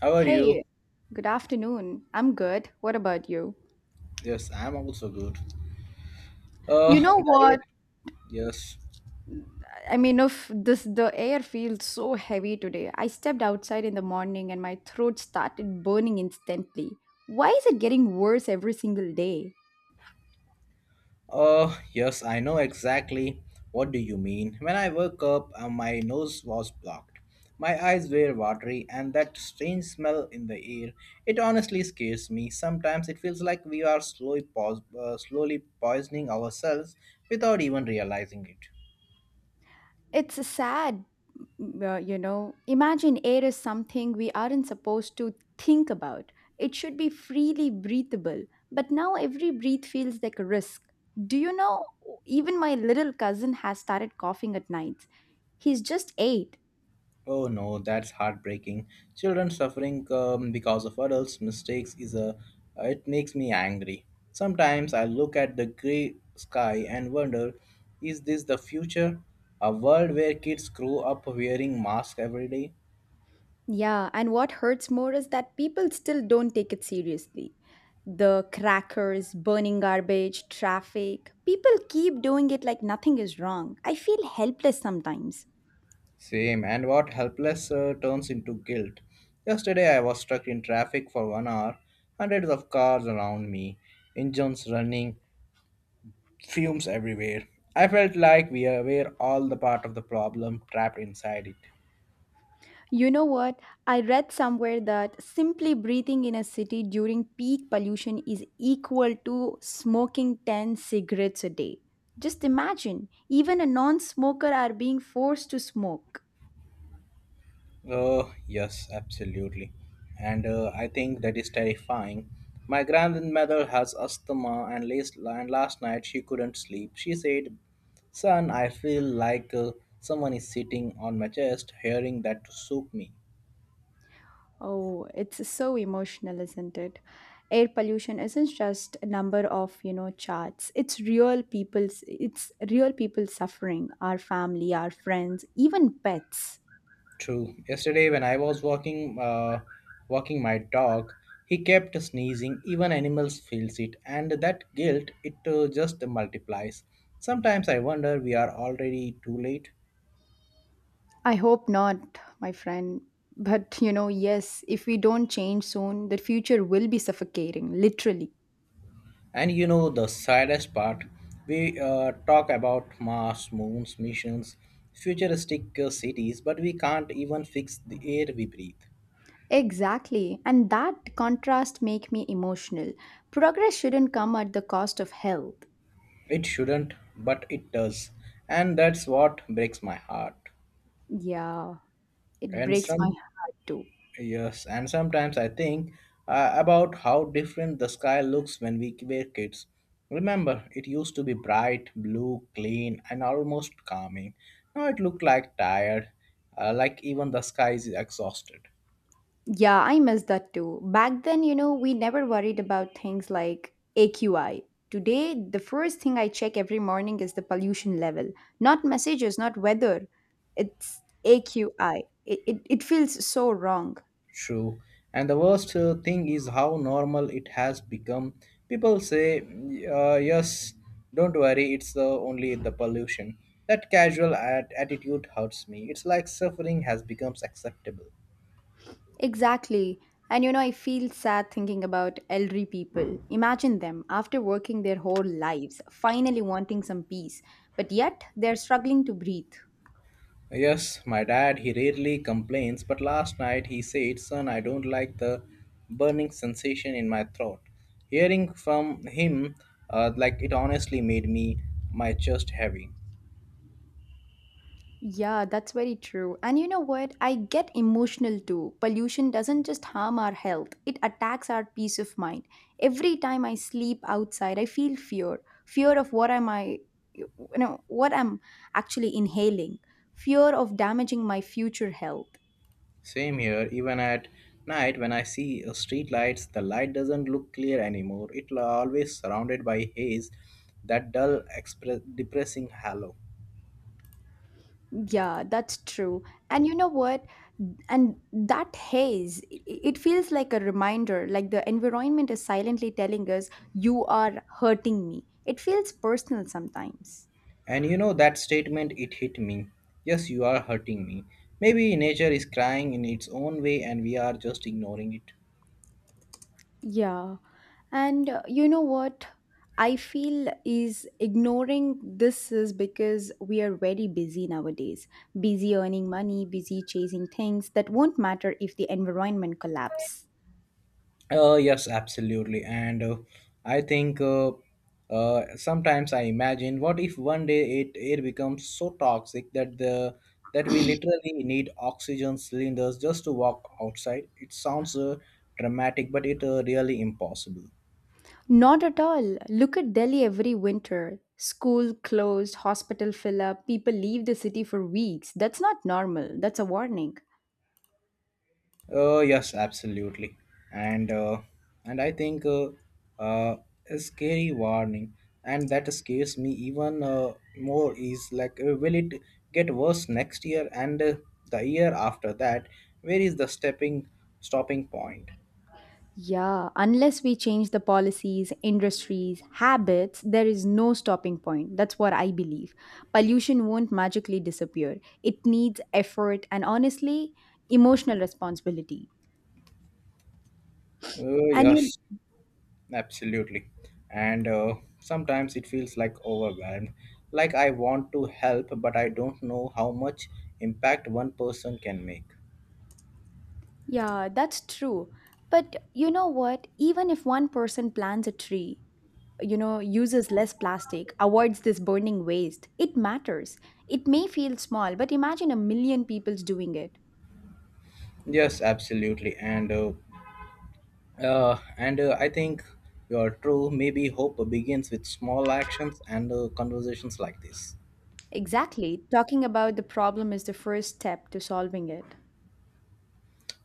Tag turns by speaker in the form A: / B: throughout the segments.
A: How are
B: Hey,
A: you?
B: good afternoon. I'm good. What about you?
A: Yes, I'm also good.
B: You know
A: Dair,
B: what?
A: yes.
B: I mean, if this the air feels so heavy today. I stepped outside in the morning and my throat started burning instantly. Why is it getting worse every single day?
A: Yes, I know exactly what do you mean. When I woke up, my nose was blocked. My eyes were watery and that strange smell in the air. It honestly scares me. Sometimes it feels like we are slowly poisoning ourselves without even realizing it.
B: It's sad. Imagine air is something we aren't supposed to think about. It should be freely breathable, but now every breath feels like a risk. Do you know, even my little cousin has started coughing at nights. He's just eight.
A: Oh no, that's heartbreaking. Children suffering because of adults' mistakes is a. It makes me angry. Sometimes I look at the grey sky and wonder, is this the future? A world where kids grow up wearing masks every day?
B: Yeah, and what hurts more is that people still don't take it seriously. The crackers, burning garbage, traffic, people keep doing it like nothing is wrong. I feel helpless sometimes.
A: Same, and what helpless turns into guilt. Yesterday I was stuck in traffic for 1 hour, hundreds of cars around me, engines running, fumes everywhere. I felt like we were all the part of the problem trapped inside it.
B: You know what? I read somewhere that simply breathing in a city during peak pollution is equal to smoking 10 cigarettes a day. Just imagine, even a non smoker are being forced to smoke.
A: Oh, yes, absolutely. And I think that is terrifying. My grandmother has asthma, and last night she couldn't sleep. She said, Son, I feel like someone is sitting on my chest, hearing that to soak me.
B: Oh, it's so emotional, isn't it? Air pollution isn't just a number of charts. It's real people suffering, our family, our friends, even pets.
A: True. Yesterday, when I was walking my dog, he kept sneezing. Even animals feels it, and that guilt it just multiplies. Sometimes I wonder we are already too late.
B: I hope not, my friend. But yes, if we don't change soon, the future will be suffocating, literally.
A: And you know the saddest part, we talk about Mars, moons, missions, futuristic cities, but we can't even fix the air we breathe.
B: Exactly. And that contrast make me emotional. Progress shouldn't come at the cost of health.
A: It shouldn't, but it does, and that's what breaks my heart.
B: Yeah, it
A: And
B: breaks my
A: some
B: heart too.
A: Yes, and sometimes I think about how different the sky looks when we were kids. Remember, it used to be bright, blue, clean, and almost calming. Now it looked like tired, like even the sky is exhausted.
B: Yeah, I miss that too. Back then we never worried about things like AQI. Today, the first thing I check every morning is the pollution level, not messages, not weather. It's AQI. It feels so wrong.
A: True. And the worst thing is how normal it has become. People say, yes, don't worry, it's the only the pollution. That attitude hurts me. It's like suffering has become acceptable.
B: Exactly. And I feel sad thinking about elderly people. Imagine them after working their whole lives, finally wanting some peace, but yet they're struggling to breathe.
A: Yes, my dad, he rarely complains, but last night he said, Son, I don't like the burning sensation in my throat. Hearing from him, like it honestly made me my chest heavy.
B: Yeah, that's very true. And you know what? I get emotional too. Pollution doesn't just harm our health, it attacks our peace of mind. Every time I sleep outside, I feel fear. Fear of what am I you know, what I'm actually inhaling. Fear of damaging my future health.
A: Same here, even at night when I see street lights, the light doesn't look clear anymore. It always surrounded by haze, that dull, depressing halo.
B: Yeah, that's true. And you know what? And that haze, it feels like a reminder, like the environment is silently telling us, you are hurting me. It feels personal sometimes.
A: And you know that statement, it hit me. Yes, you are hurting me. Maybe nature is crying in its own way and we are just ignoring it.
B: Yeah. And you know what? I feel is ignoring this is because we are very busy nowadays. Busy earning money, busy chasing things that won't matter if the environment collapses.
A: Yes, absolutely. And I think sometimes I imagine what if one day it air becomes so toxic that the that we literally need oxygen cylinders just to walk outside. It sounds dramatic, but it really impossible.
B: Not at all. Look at Delhi every winter. School closed, hospital fill up, people leave the city for weeks. That's not normal. That's a warning.
A: Yes, absolutely, and uh, and I think uh, a scary warning, and that scares me even more is like, will it get worse next year and the year after that? Where is the stepping stopping point?
B: Yeah, unless we change the policies, industries, habits, there is no stopping point. That's what I believe. Pollution won't magically disappear. It needs effort and honestly, emotional responsibility.
A: Uh,
B: And you,
A: yes, absolutely, and sometimes it feels like overwhelmed, like I want to help, but I don't know how much impact one person can make.
B: yeah, that's true. But you know what? Even if one person plants a tree, uses less plastic, avoids this burning waste, it matters. It may feel small, but imagine a million people's doing it.
A: Yes, absolutely, and I think you're true. Maybe hope begins with small actions and conversations like this.
B: Exactly, talking about the problem is the first step to solving it.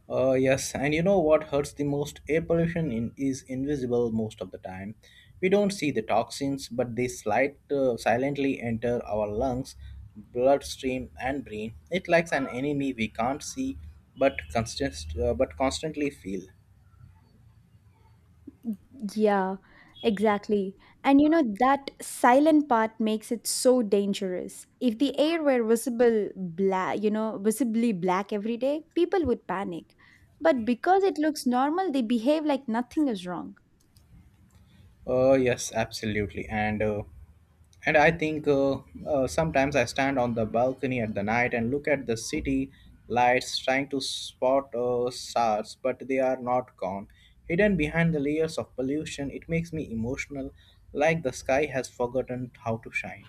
A: Yes, and you know what hurts the most? Air pollution in, is invisible most of the time. We don't see the toxins, but they slide silently enter our lungs, bloodstream, and brain. It likes an enemy we can't see, but but constantly feel.
B: Yeah, exactly. And that silent part makes it so dangerous. If the air were visible black, visibly black every day, people would panic. But because it looks normal, they behave like nothing is wrong.
A: Yes, absolutely. And I think sometimes I stand on the balcony at the night and look at the city lights, trying to spot stars, but they are not gone. Hidden behind the layers of pollution, it makes me emotional, like the sky has forgotten how to shine.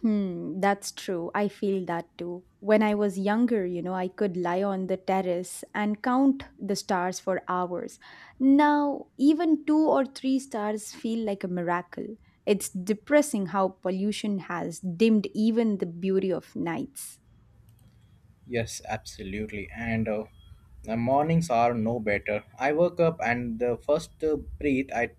B: Hmm, that's true. I feel that too. When I was younger I could lie on the terrace and count the stars for hours. Now, even two or three stars feel like a miracle. It's depressing how pollution has dimmed even the beauty of nights.
A: Yes, absolutely. And the mornings are no better. I woke up and the first breath I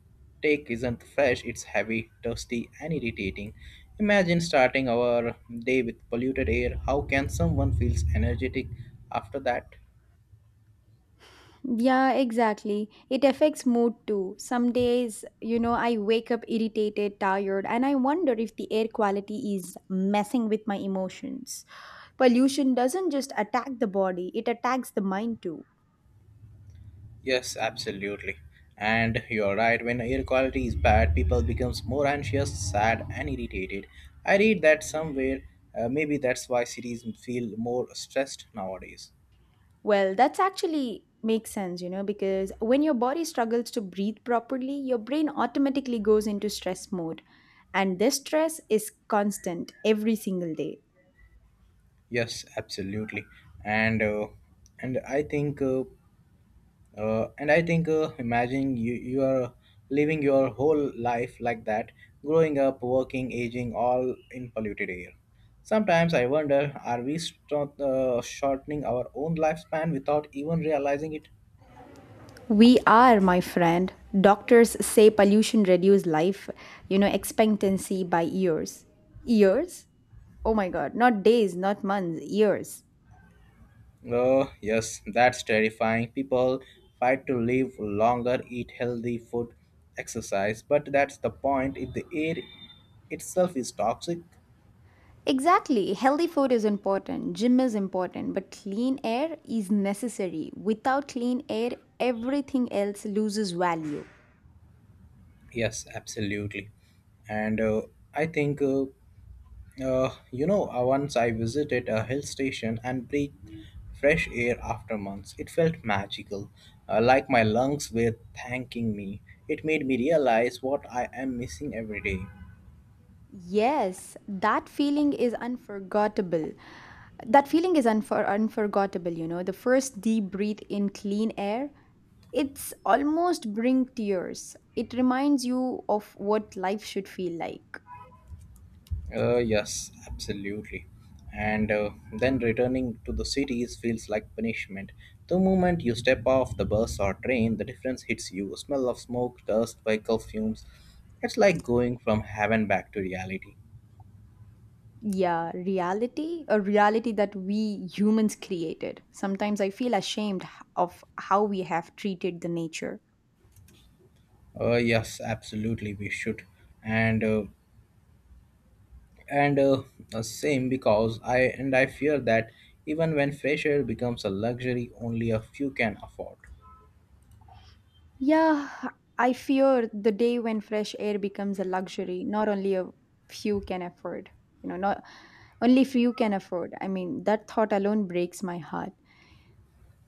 A: take isn't fresh, it's heavy, dusty, and irritating. Imagine starting our day with polluted air. How can someone feels energetic after that?
B: Yeah, exactly. It affects mood too. Some days I wake up irritated, tired, and I wonder if the air quality is messing with my emotions. Pollution doesn't just attack the body, it attacks the mind too.
A: Yes, absolutely. And you're right, when air quality is bad, people becomes more anxious, sad, and irritated. I read that somewhere. Maybe that's why cities feel more stressed nowadays.
B: Well, that's actually makes sense because when your body struggles to breathe properly, your brain automatically goes into stress mode. And this stress is constant every single day.
A: Yes, absolutely, and uh, and I think uh, and I think imagining you are living your whole life like that, growing up, working, aging, all in polluted air. Sometimes I wonder, are we shortening our own lifespan without even realizing it?
B: We are, my friend. Doctors say pollution reduce life expectancy by years. Years? Oh my god, not days, not months, years.
A: Oh, yes, that's terrifying. People fight to live longer, eat healthy food, exercise, but that's the point. If the air itself is toxic,
B: Exactly. Healthy food is important, gym is important, but clean air is necessary. Without clean air, everything else loses value.
A: Yes, absolutely. And I think, you know, once I visited a hill station and breathed fresh air after months, it felt magical, like my lungs were thanking me. It made me realize what I am missing every day.
B: Yes, that feeling is unforgettable. That feeling is unforgettable. The first deep breath in clean air, it's almost bring tears. It reminds you of what life should feel like.
A: Yes, absolutely. And then returning to the cities feels like punishment. The moment you step off the bus or train, the difference hits you. A Smell of smoke, dust, vehicle fumes. It's like going from heaven back to reality.
B: Yeah, reality, a reality that we humans created. Sometimes I feel ashamed of how we have treated the nature.
A: Yes, absolutely, we should. And uh, and same because I and I fear that even when fresh air becomes a luxury, only a few can afford.
B: Yeah, I fear the day when fresh air becomes a luxury, not only a few can afford. You know, not only few can afford. I mean, that thought alone breaks my heart.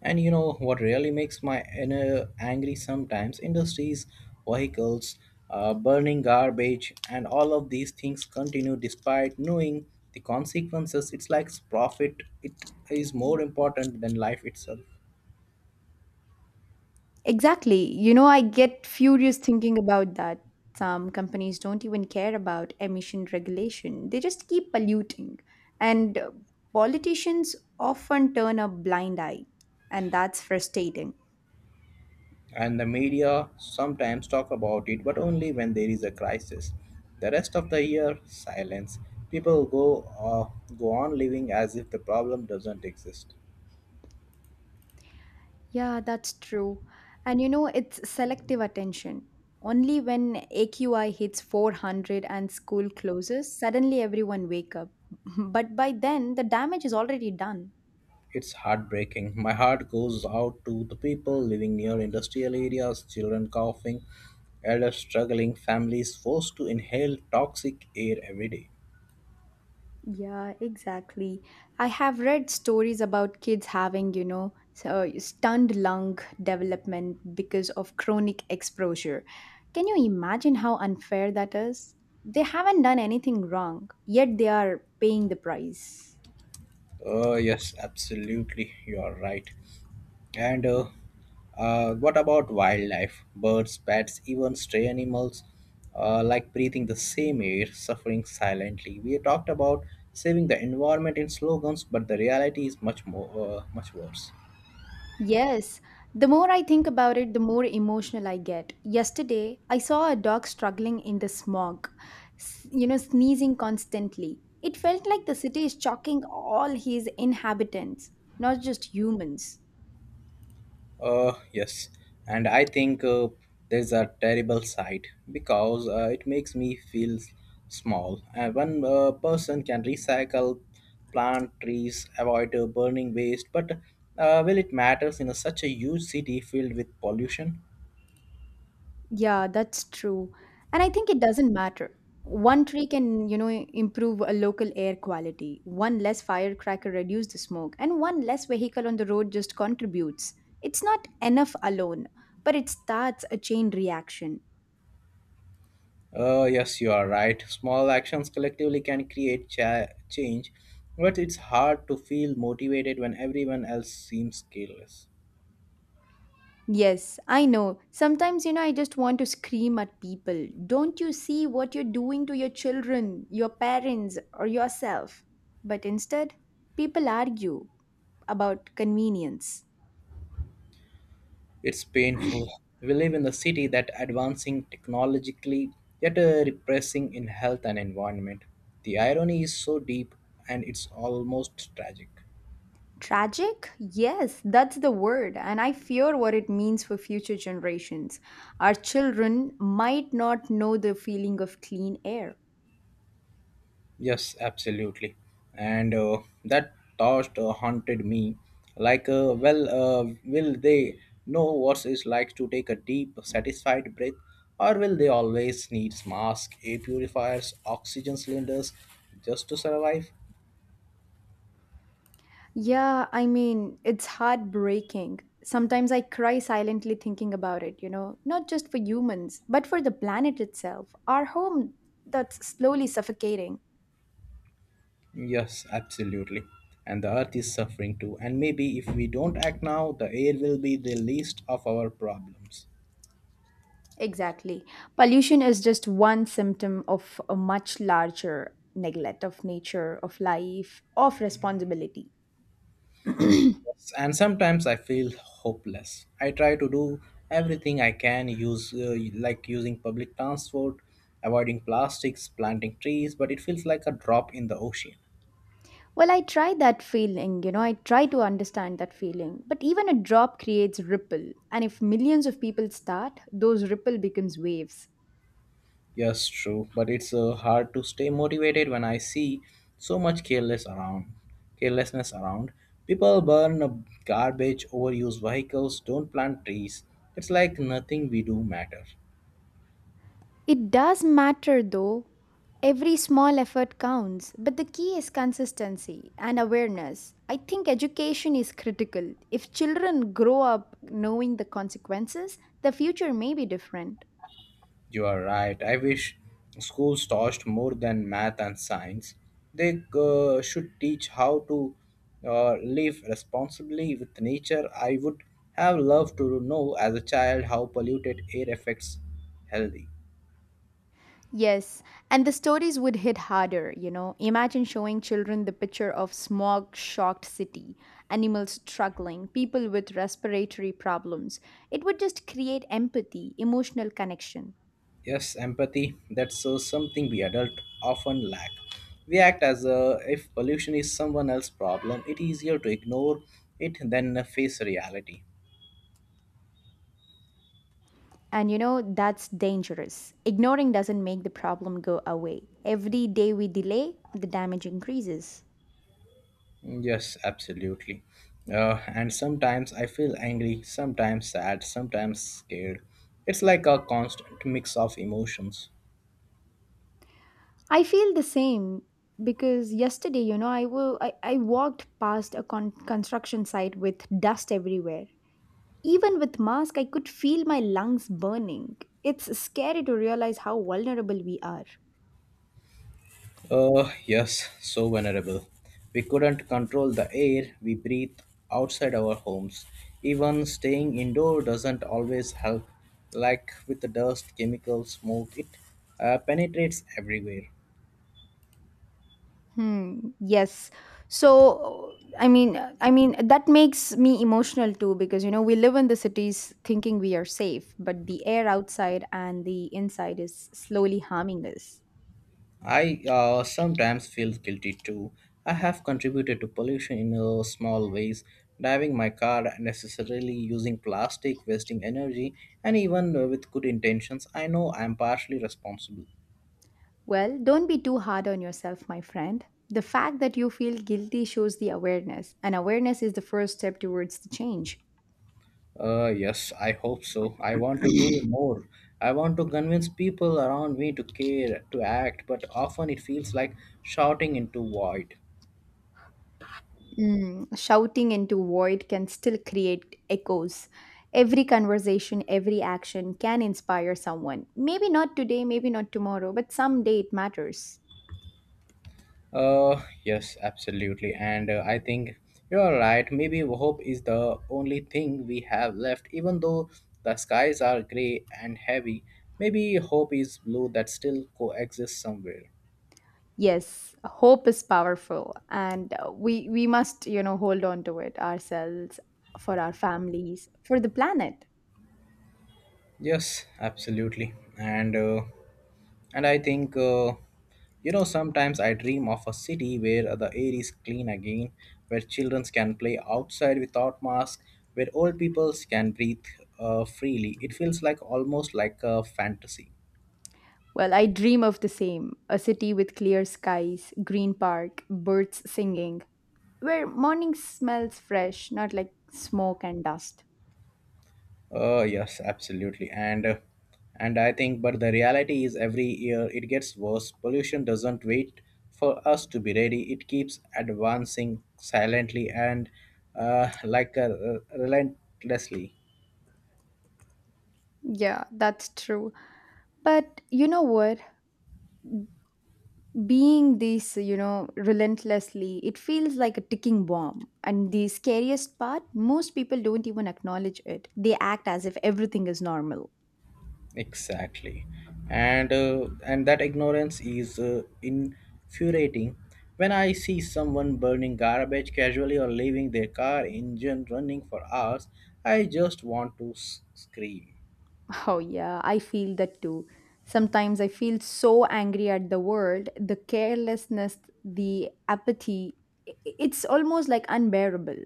A: And you know what really makes my inner angry sometimes? Industries, vehicles, burning garbage, and all of these things continue despite knowing the consequences. It's like profit, it is more important than life itself.
B: Exactly. You know, I get furious thinking about that. Some companies don't even care about emission regulation, they just keep polluting. And politicians often turn a blind eye, and that's frustrating.
A: And the media sometimes talk about it, but only when there is a crisis. The rest of the year, silence. People go on living as if the problem doesn't exist.
B: Yeah, that's true. And it's selective attention. Only when AQI hits 400 and school closes, suddenly everyone wake up. But by then, the damage is already done.
A: It's heartbreaking. My heart goes out to the people living near industrial areas, children coughing, elders struggling, families forced to inhale toxic air every day.
B: Yeah, exactly. I have read stories about kids having so stunned lung development because of chronic exposure. Can you imagine how unfair that is? They haven't done anything wrong, yet they are paying the price.
A: Oh, yes, absolutely. You are right. And what about wildlife? Birds, bats, even stray animals, like breathing the same air, suffering silently. We talked about saving the environment in slogans, but the reality is much more, much worse.
B: Yes, the more I think about it, the more emotional I get. Yesterday, I saw a dog struggling in the smog, sneezing constantly. It felt like the city is choking all his inhabitants, not just humans.
A: Yes, and I think there's a terrible side because it makes me feel small. And one person can recycle, plant trees, avoid burning waste, but will it matters in a, such a huge city filled with pollution?
B: Yeah, that's true. And I think it doesn't matter. One tree can improve a local air quality. One less firecracker reduce the smoke, and one less vehicle on the road just contributes. It's not enough alone, but it starts a chain reaction.
A: Yes, you are right. Small actions collectively can create change, but it's hard to feel motivated when everyone else seems careless.
B: Yes, I know. Sometimes I just want to scream at people. Don't you see what you're doing to your children, your parents, or yourself? But instead, people argue about convenience.
A: It's painful. We live in a city that advancing technologically yet repressing in health and environment. The irony is so deep and it's almost tragic.
B: Tragic? Yes, that's the word, and I fear what it means for future generations. Our children might not know the feeling of clean air.
A: Yes, absolutely. And that thought haunted me. Like, will they know what it's like to take a deep, satisfied breath, or will they always need masks, air purifiers, oxygen cylinders just to survive?
B: Yeah, I mean, it's heartbreaking. Sometimes I cry silently thinking about it not just for humans, but for the planet itself, our home that's slowly suffocating.
A: Yes, absolutely. And the earth is suffering too. And maybe if we don't act now, the air will be the least of our problems.
B: Exactly. Pollution is just one symptom of a much larger neglect of nature, of life, of responsibility.
A: Yes, and sometimes I feel hopeless. I try to do everything I can, use like using public transport, avoiding plastics, planting trees, but it feels like a drop in the ocean.
B: Well, I try that feeling I try to understand that feeling. But even a drop creates ripple, and if millions of people start, those ripple becomes waves.
A: Yes, true, but it's hard to stay motivated when I see so much careless around. Carelessness around. People burn garbage, overuse vehicles, don't plant trees. It's like nothing we do matter.
B: It does matter though. Every small effort counts, but the key is consistency and awareness. I think education is critical. If children grow up knowing the consequences, the future may be different.
A: You are right. I wish schools taught more than math and science. They should teach how to live responsibly with nature. I would have loved to know as a child how polluted air affects healthy.
B: Yes, and the stories would hit harder. Imagine showing children the picture of smog shocked city, animals struggling, people with respiratory problems. It would just create empathy, emotional connection.
A: Yes, empathy. That's something we adults often lack. We act as if pollution is someone else's problem. It is easier to ignore it than face reality.
B: And that's dangerous. Ignoring doesn't make the problem go away. Every day we delay, the damage increases.
A: Yes, absolutely. And sometimes I feel angry, sometimes sad, sometimes scared. It's like a constant mix of emotions.
B: I feel the same because yesterday I wo I walked past a construction site with dust everywhere. Even with mask, I could feel my lungs burning. It's scary to realize how vulnerable we are.
A: Yes, so vulnerable. We couldn't control the air we breathe outside our homes. Even staying indoor doesn't always help. Like with the dust, chemicals, smoke, it penetrates everywhere.
B: Hmm. Yes. So I mean that makes me emotional too because we live in the cities thinking we are safe, but the air outside and the inside is slowly harming us.
A: I sometimes feel guilty too. I have contributed to pollution in small ways, driving my car unnecessarily, using plastic, wasting energy, and even with good intentions, I know I am partially responsible.
B: Well, don't be too hard on yourself, my friend. The fact that you feel guilty shows the awareness, and awareness is the first step towards the change.
A: Yes, I hope so. I want to do more. I want to convince people around me to care, to act, but often it feels like shouting into void.
B: Shouting into void can still create echoes. Every conversation, every action can inspire someone. Maybe not today, maybe not tomorrow, but someday it matters.
A: Yes, absolutely. And I think you're right. Maybe hope is the only thing we have left, even though the skies are gray and heavy. Maybe hope is blue that still coexists somewhere.
B: Yes, hope is powerful, and we must hold on to it ourselves, for our families, for the planet.
A: Yes, absolutely. And And I think, uh, you know, sometimes I dream of a city where the air is clean again, where children can play outside without masks, where old people can breathe freely. It feels like almost like a fantasy.
B: Well, I dream of the same: a city with clear skies, green park, birds singing, where morning smells fresh, not like smoke and dust.
A: Yes, absolutely. And I think, but the reality is every year it gets worse. Pollution doesn't wait for us to be ready. It keeps advancing silently and relentlessly.
B: Yeah, that's true. But you know what? Being this relentlessly, it feels like a ticking bomb. And the scariest part, most people don't even acknowledge it. They act as if everything is normal.
A: Exactly, and that ignorance is infuriating. When I see someone burning garbage casually or leaving their car engine running for hours, I just want to scream.
B: Oh, yeah, I feel that too. Sometimes I feel so angry at the world, the carelessness, the apathy. It's almost like unbearable.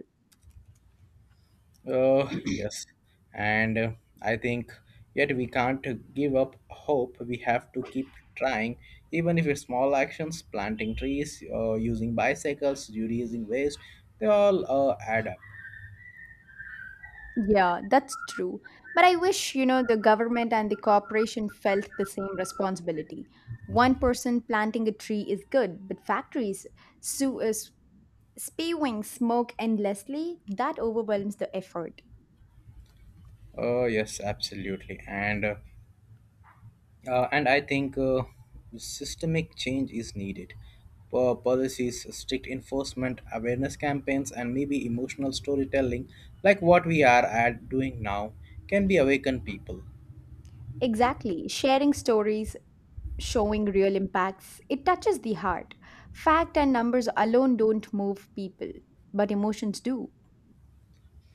A: Oh yes, and I think yet we can't give up hope. We have to keep trying, even if it's small actions, planting trees, using bicycles, reducing waste, they all add up.
B: Yeah, that's true. But I wish the government and the corporation felt the same responsibility. One person planting a tree is good, but factories su- uh, s- spewing smoke endlessly, that overwhelms the effort.
A: Oh yes, absolutely. And I think systemic change is needed. Policies, strict enforcement, awareness campaigns, and maybe emotional storytelling, like what we are at doing now, can be awaken people.
B: Exactly. Sharing stories, showing real impacts, it touches the heart. Fact and numbers alone don't move people, but emotions do.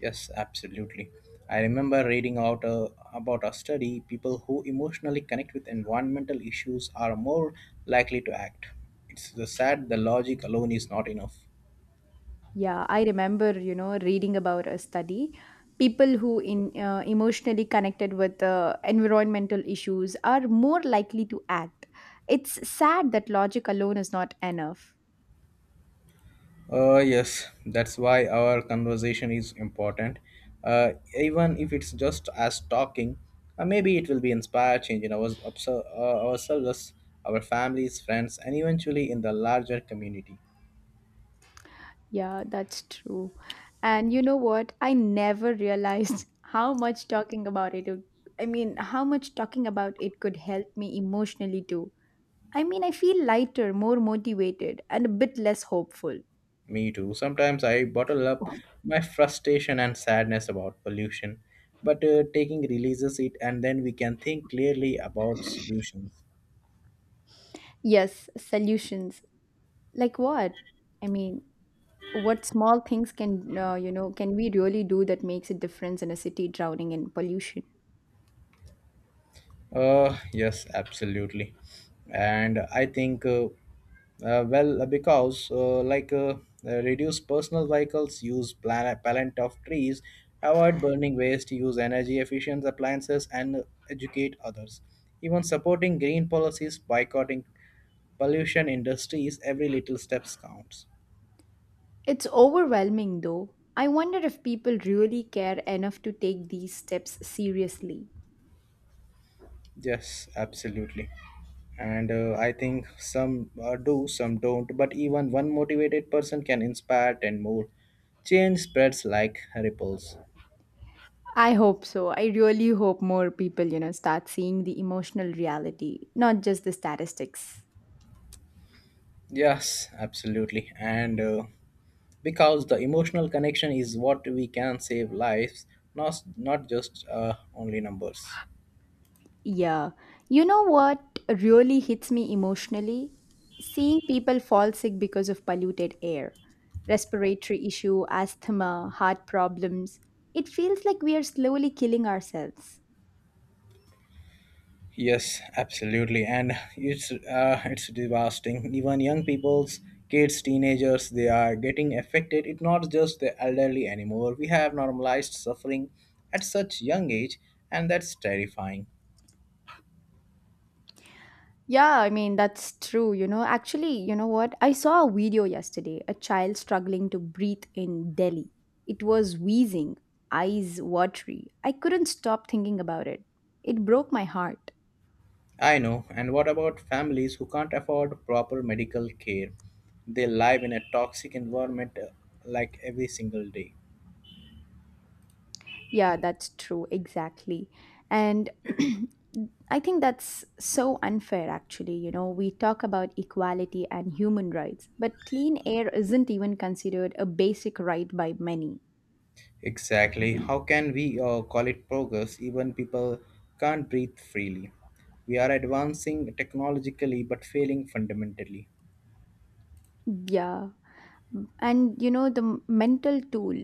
A: Yes, absolutely. I remember reading out about a study. People who emotionally connect with environmental issues are more likely to act. It's the sad the logic alone is not enough.
B: Yeah, I remember reading about a study. People who in emotionally connected with environmental issues are more likely to act. It's sad that logic alone is not enough.
A: Yes, that's why our conversation is important. Even if it's just as talking, maybe it will be inspire change in ourselves, our families, friends, and eventually in the larger community.
B: Yeah, that's true. And you know what? I never realized how much talking about it I mean, how much talking about it could help me emotionally too. I mean, I feel lighter, more motivated, and a bit less hopeful.
A: Me too. Sometimes I bottle up my frustration and sadness about pollution, but taking releases it and then we can think clearly about solutions.
B: Yes, solutions. Like what? I mean, what small things can can we really do that makes a difference in a city drowning in pollution?
A: Yes, absolutely. And I think, well, because like Reduce personal vehicles, use plant of trees, avoid burning waste, use energy efficient appliances, and educate others. Even supporting green policies, boycotting pollution industries, every little steps counts.
B: It's overwhelming though. I wonder if people really care enough to take these steps seriously.
A: Yes, absolutely. And I think some do, some don't, but even one motivated person can inspire 10 more. Change spreads like ripples.
B: I hope so. I really hope more people, you know, start seeing the emotional reality, not just the statistics.
A: Yes, absolutely. And Because the emotional connection is what we can save lives, not just only numbers.
B: Yeah. You know what really hits me emotionally? Seeing people fall sick because of polluted air, respiratory issue, asthma, heart problems. It feels like we are slowly killing ourselves.
A: Yes, absolutely, and it's devastating. Even young people's kids, teenagers, they are getting affected. It's not just the elderly anymore. We have normalized suffering at such young age, and that's terrifying.
B: Yeah, I mean, that's true. You know, actually, you know what? I saw a video yesterday, a child struggling to breathe in Delhi. It was wheezing, eyes watery. I couldn't stop thinking about it. It broke my heart.
A: I know. And what about families who can't afford proper medical care? They live in a toxic environment like every single day.
B: Yeah, that's true, exactly. And I think that's so unfair, actually. You know, we talk about equality and human rights, but clean air isn't even considered a basic right by many.
A: Exactly. How can we call it progress? Even people can't breathe freely. We are advancing technologically but failing fundamentally.
B: Yeah. And, you know, the mental tool,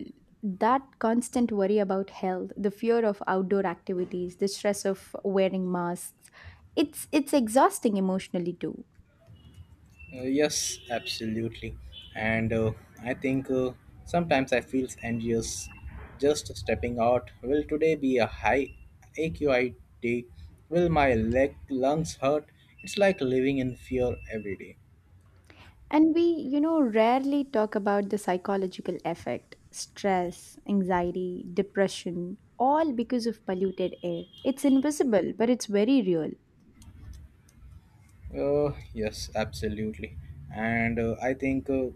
B: that constant worry about health, the fear of outdoor activities, the stress of wearing masks, it's exhausting emotionally too.
A: Yes, absolutely. And I think sometimes I feel anxious just stepping out. Will today be a high AQI day? Will my leg lungs hurt? It's like living in fear every day.
B: And we, you know, rarely talk about the psychological effect stress, anxiety, depression, all because of polluted air. It's invisible, but it's very real.
A: Yes, absolutely. And I think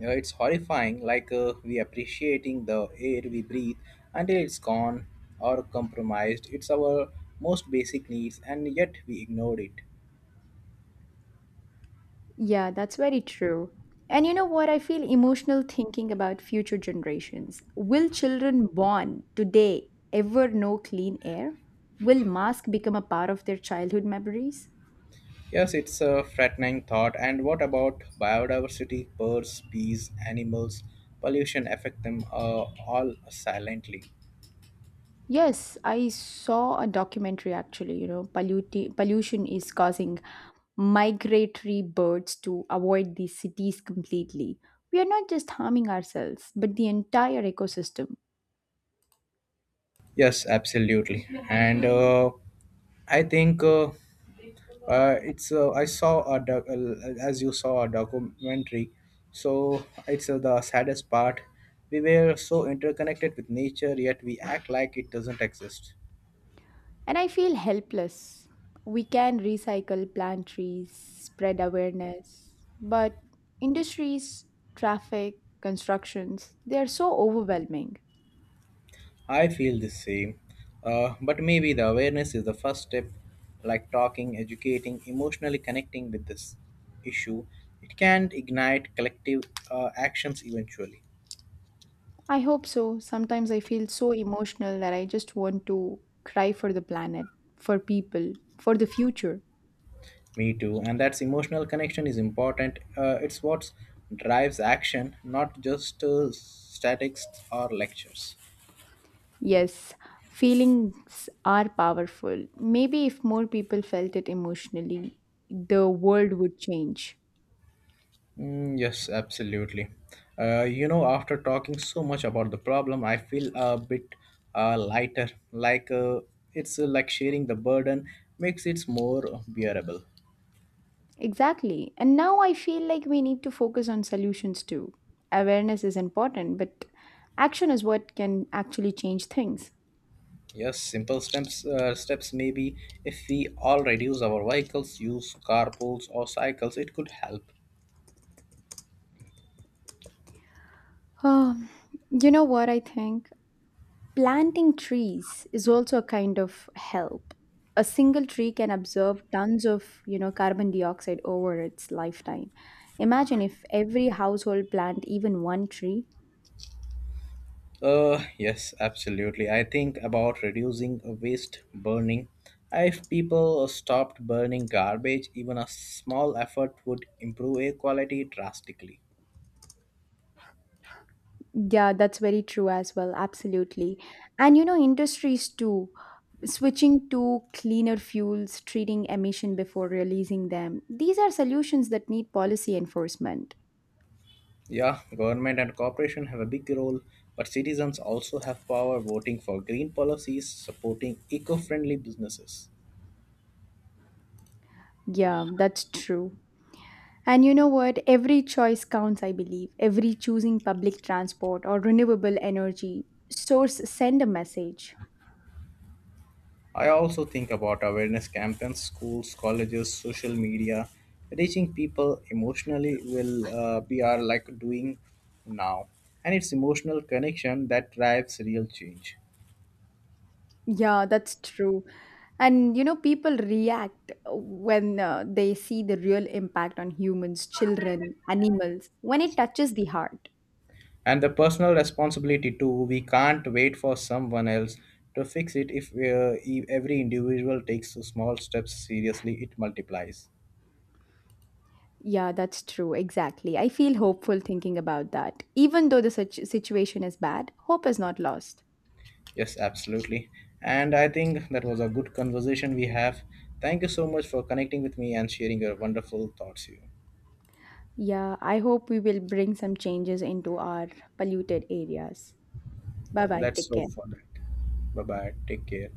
A: you know, it's horrifying, we appreciating the air we breathe until it's gone or compromised. It's our most basic needs, and yet we ignored it.
B: Yeah, that's very true. And you know what? I feel emotional thinking about future generations. Will children born today ever know clean air? Will mask become a part of their childhood memories?
A: Yes, it's a frightening thought. And what about biodiversity, birds, bees, animals? Pollution affect them all silently.
B: Yes, I saw a documentary actually, you know, pollution is causing migratory birds to avoid the cities completely. We are not just harming ourselves, but the entire ecosystem.
A: Yes, absolutely. And I think it's I saw a doc- As you saw a documentary. So it's the saddest part. We were so interconnected with nature, yet we act like it doesn't exist.
B: And I feel helpless. We can recycle, plant trees, spread awareness, but industries, traffic, constructions, they are so overwhelming.
A: I feel the same. But maybe the awareness is the first step, like talking, educating, emotionally connecting with this issue. It can ignite collective actions eventually.
B: I hope so. Sometimes I feel so emotional that I just want to cry for the planet, for people, for the future.
A: Me too. And that's emotional connection is important. It's what drives action, not just statics or lectures.
B: Yes, feelings are powerful. Maybe if more people felt it emotionally, the world would change.
A: Yes, absolutely. You know, after talking so much about the problem, I feel a bit lighter. Like sharing the burden makes it more bearable.
B: Exactly. And now I feel like we need to focus on solutions too. Awareness is important, but action is what can actually change things.
A: Yes, simple steps. Steps maybe if we all reduce our vehicles, use carpools or cycles, it could help.
B: Um, you know what I think? Planting trees is also a kind of help. A single tree can absorb tons of, you know, carbon dioxide over its lifetime. Imagine if every household plant even one tree.
A: Yes, absolutely. I think about reducing waste burning. If people stopped burning garbage, even a small effort would improve air quality drastically.
B: Yeah, that's very true as well. Absolutely. And you know, industries too, switching to cleaner fuels, treating emission before releasing them. These are solutions that need policy enforcement.
A: Yeah, government and corporation have a big role, but citizens also have power voting for green policies, supporting eco-friendly businesses.
B: Yeah, that's true. And you know what? Every choice counts, I believe. Every choosing public transport or renewable energy source send a message.
A: I also think about awareness campaigns, schools, colleges, social media. Reaching people emotionally will be our like doing now, and it's emotional connection that drives real change.
B: Yeah, that's true. And you know, people react when they see the real impact on humans, children, animals, when it touches the heart.
A: And the personal responsibility too. We can't wait for someone else to fix it. If every individual takes small steps seriously, it multiplies.
B: Yeah, that's true. Exactly. I feel hopeful thinking about that. Even though the situation is bad, hope is not lost.
A: Yes, absolutely. And I think that was a good conversation we have. Thank you so much for connecting with me and sharing your wonderful thoughts here.
B: Yeah, I hope we will bring some changes into our polluted areas. Bye bye.
A: Let's
B: Take
A: hope
B: care.
A: for that. Bye bye. Take care.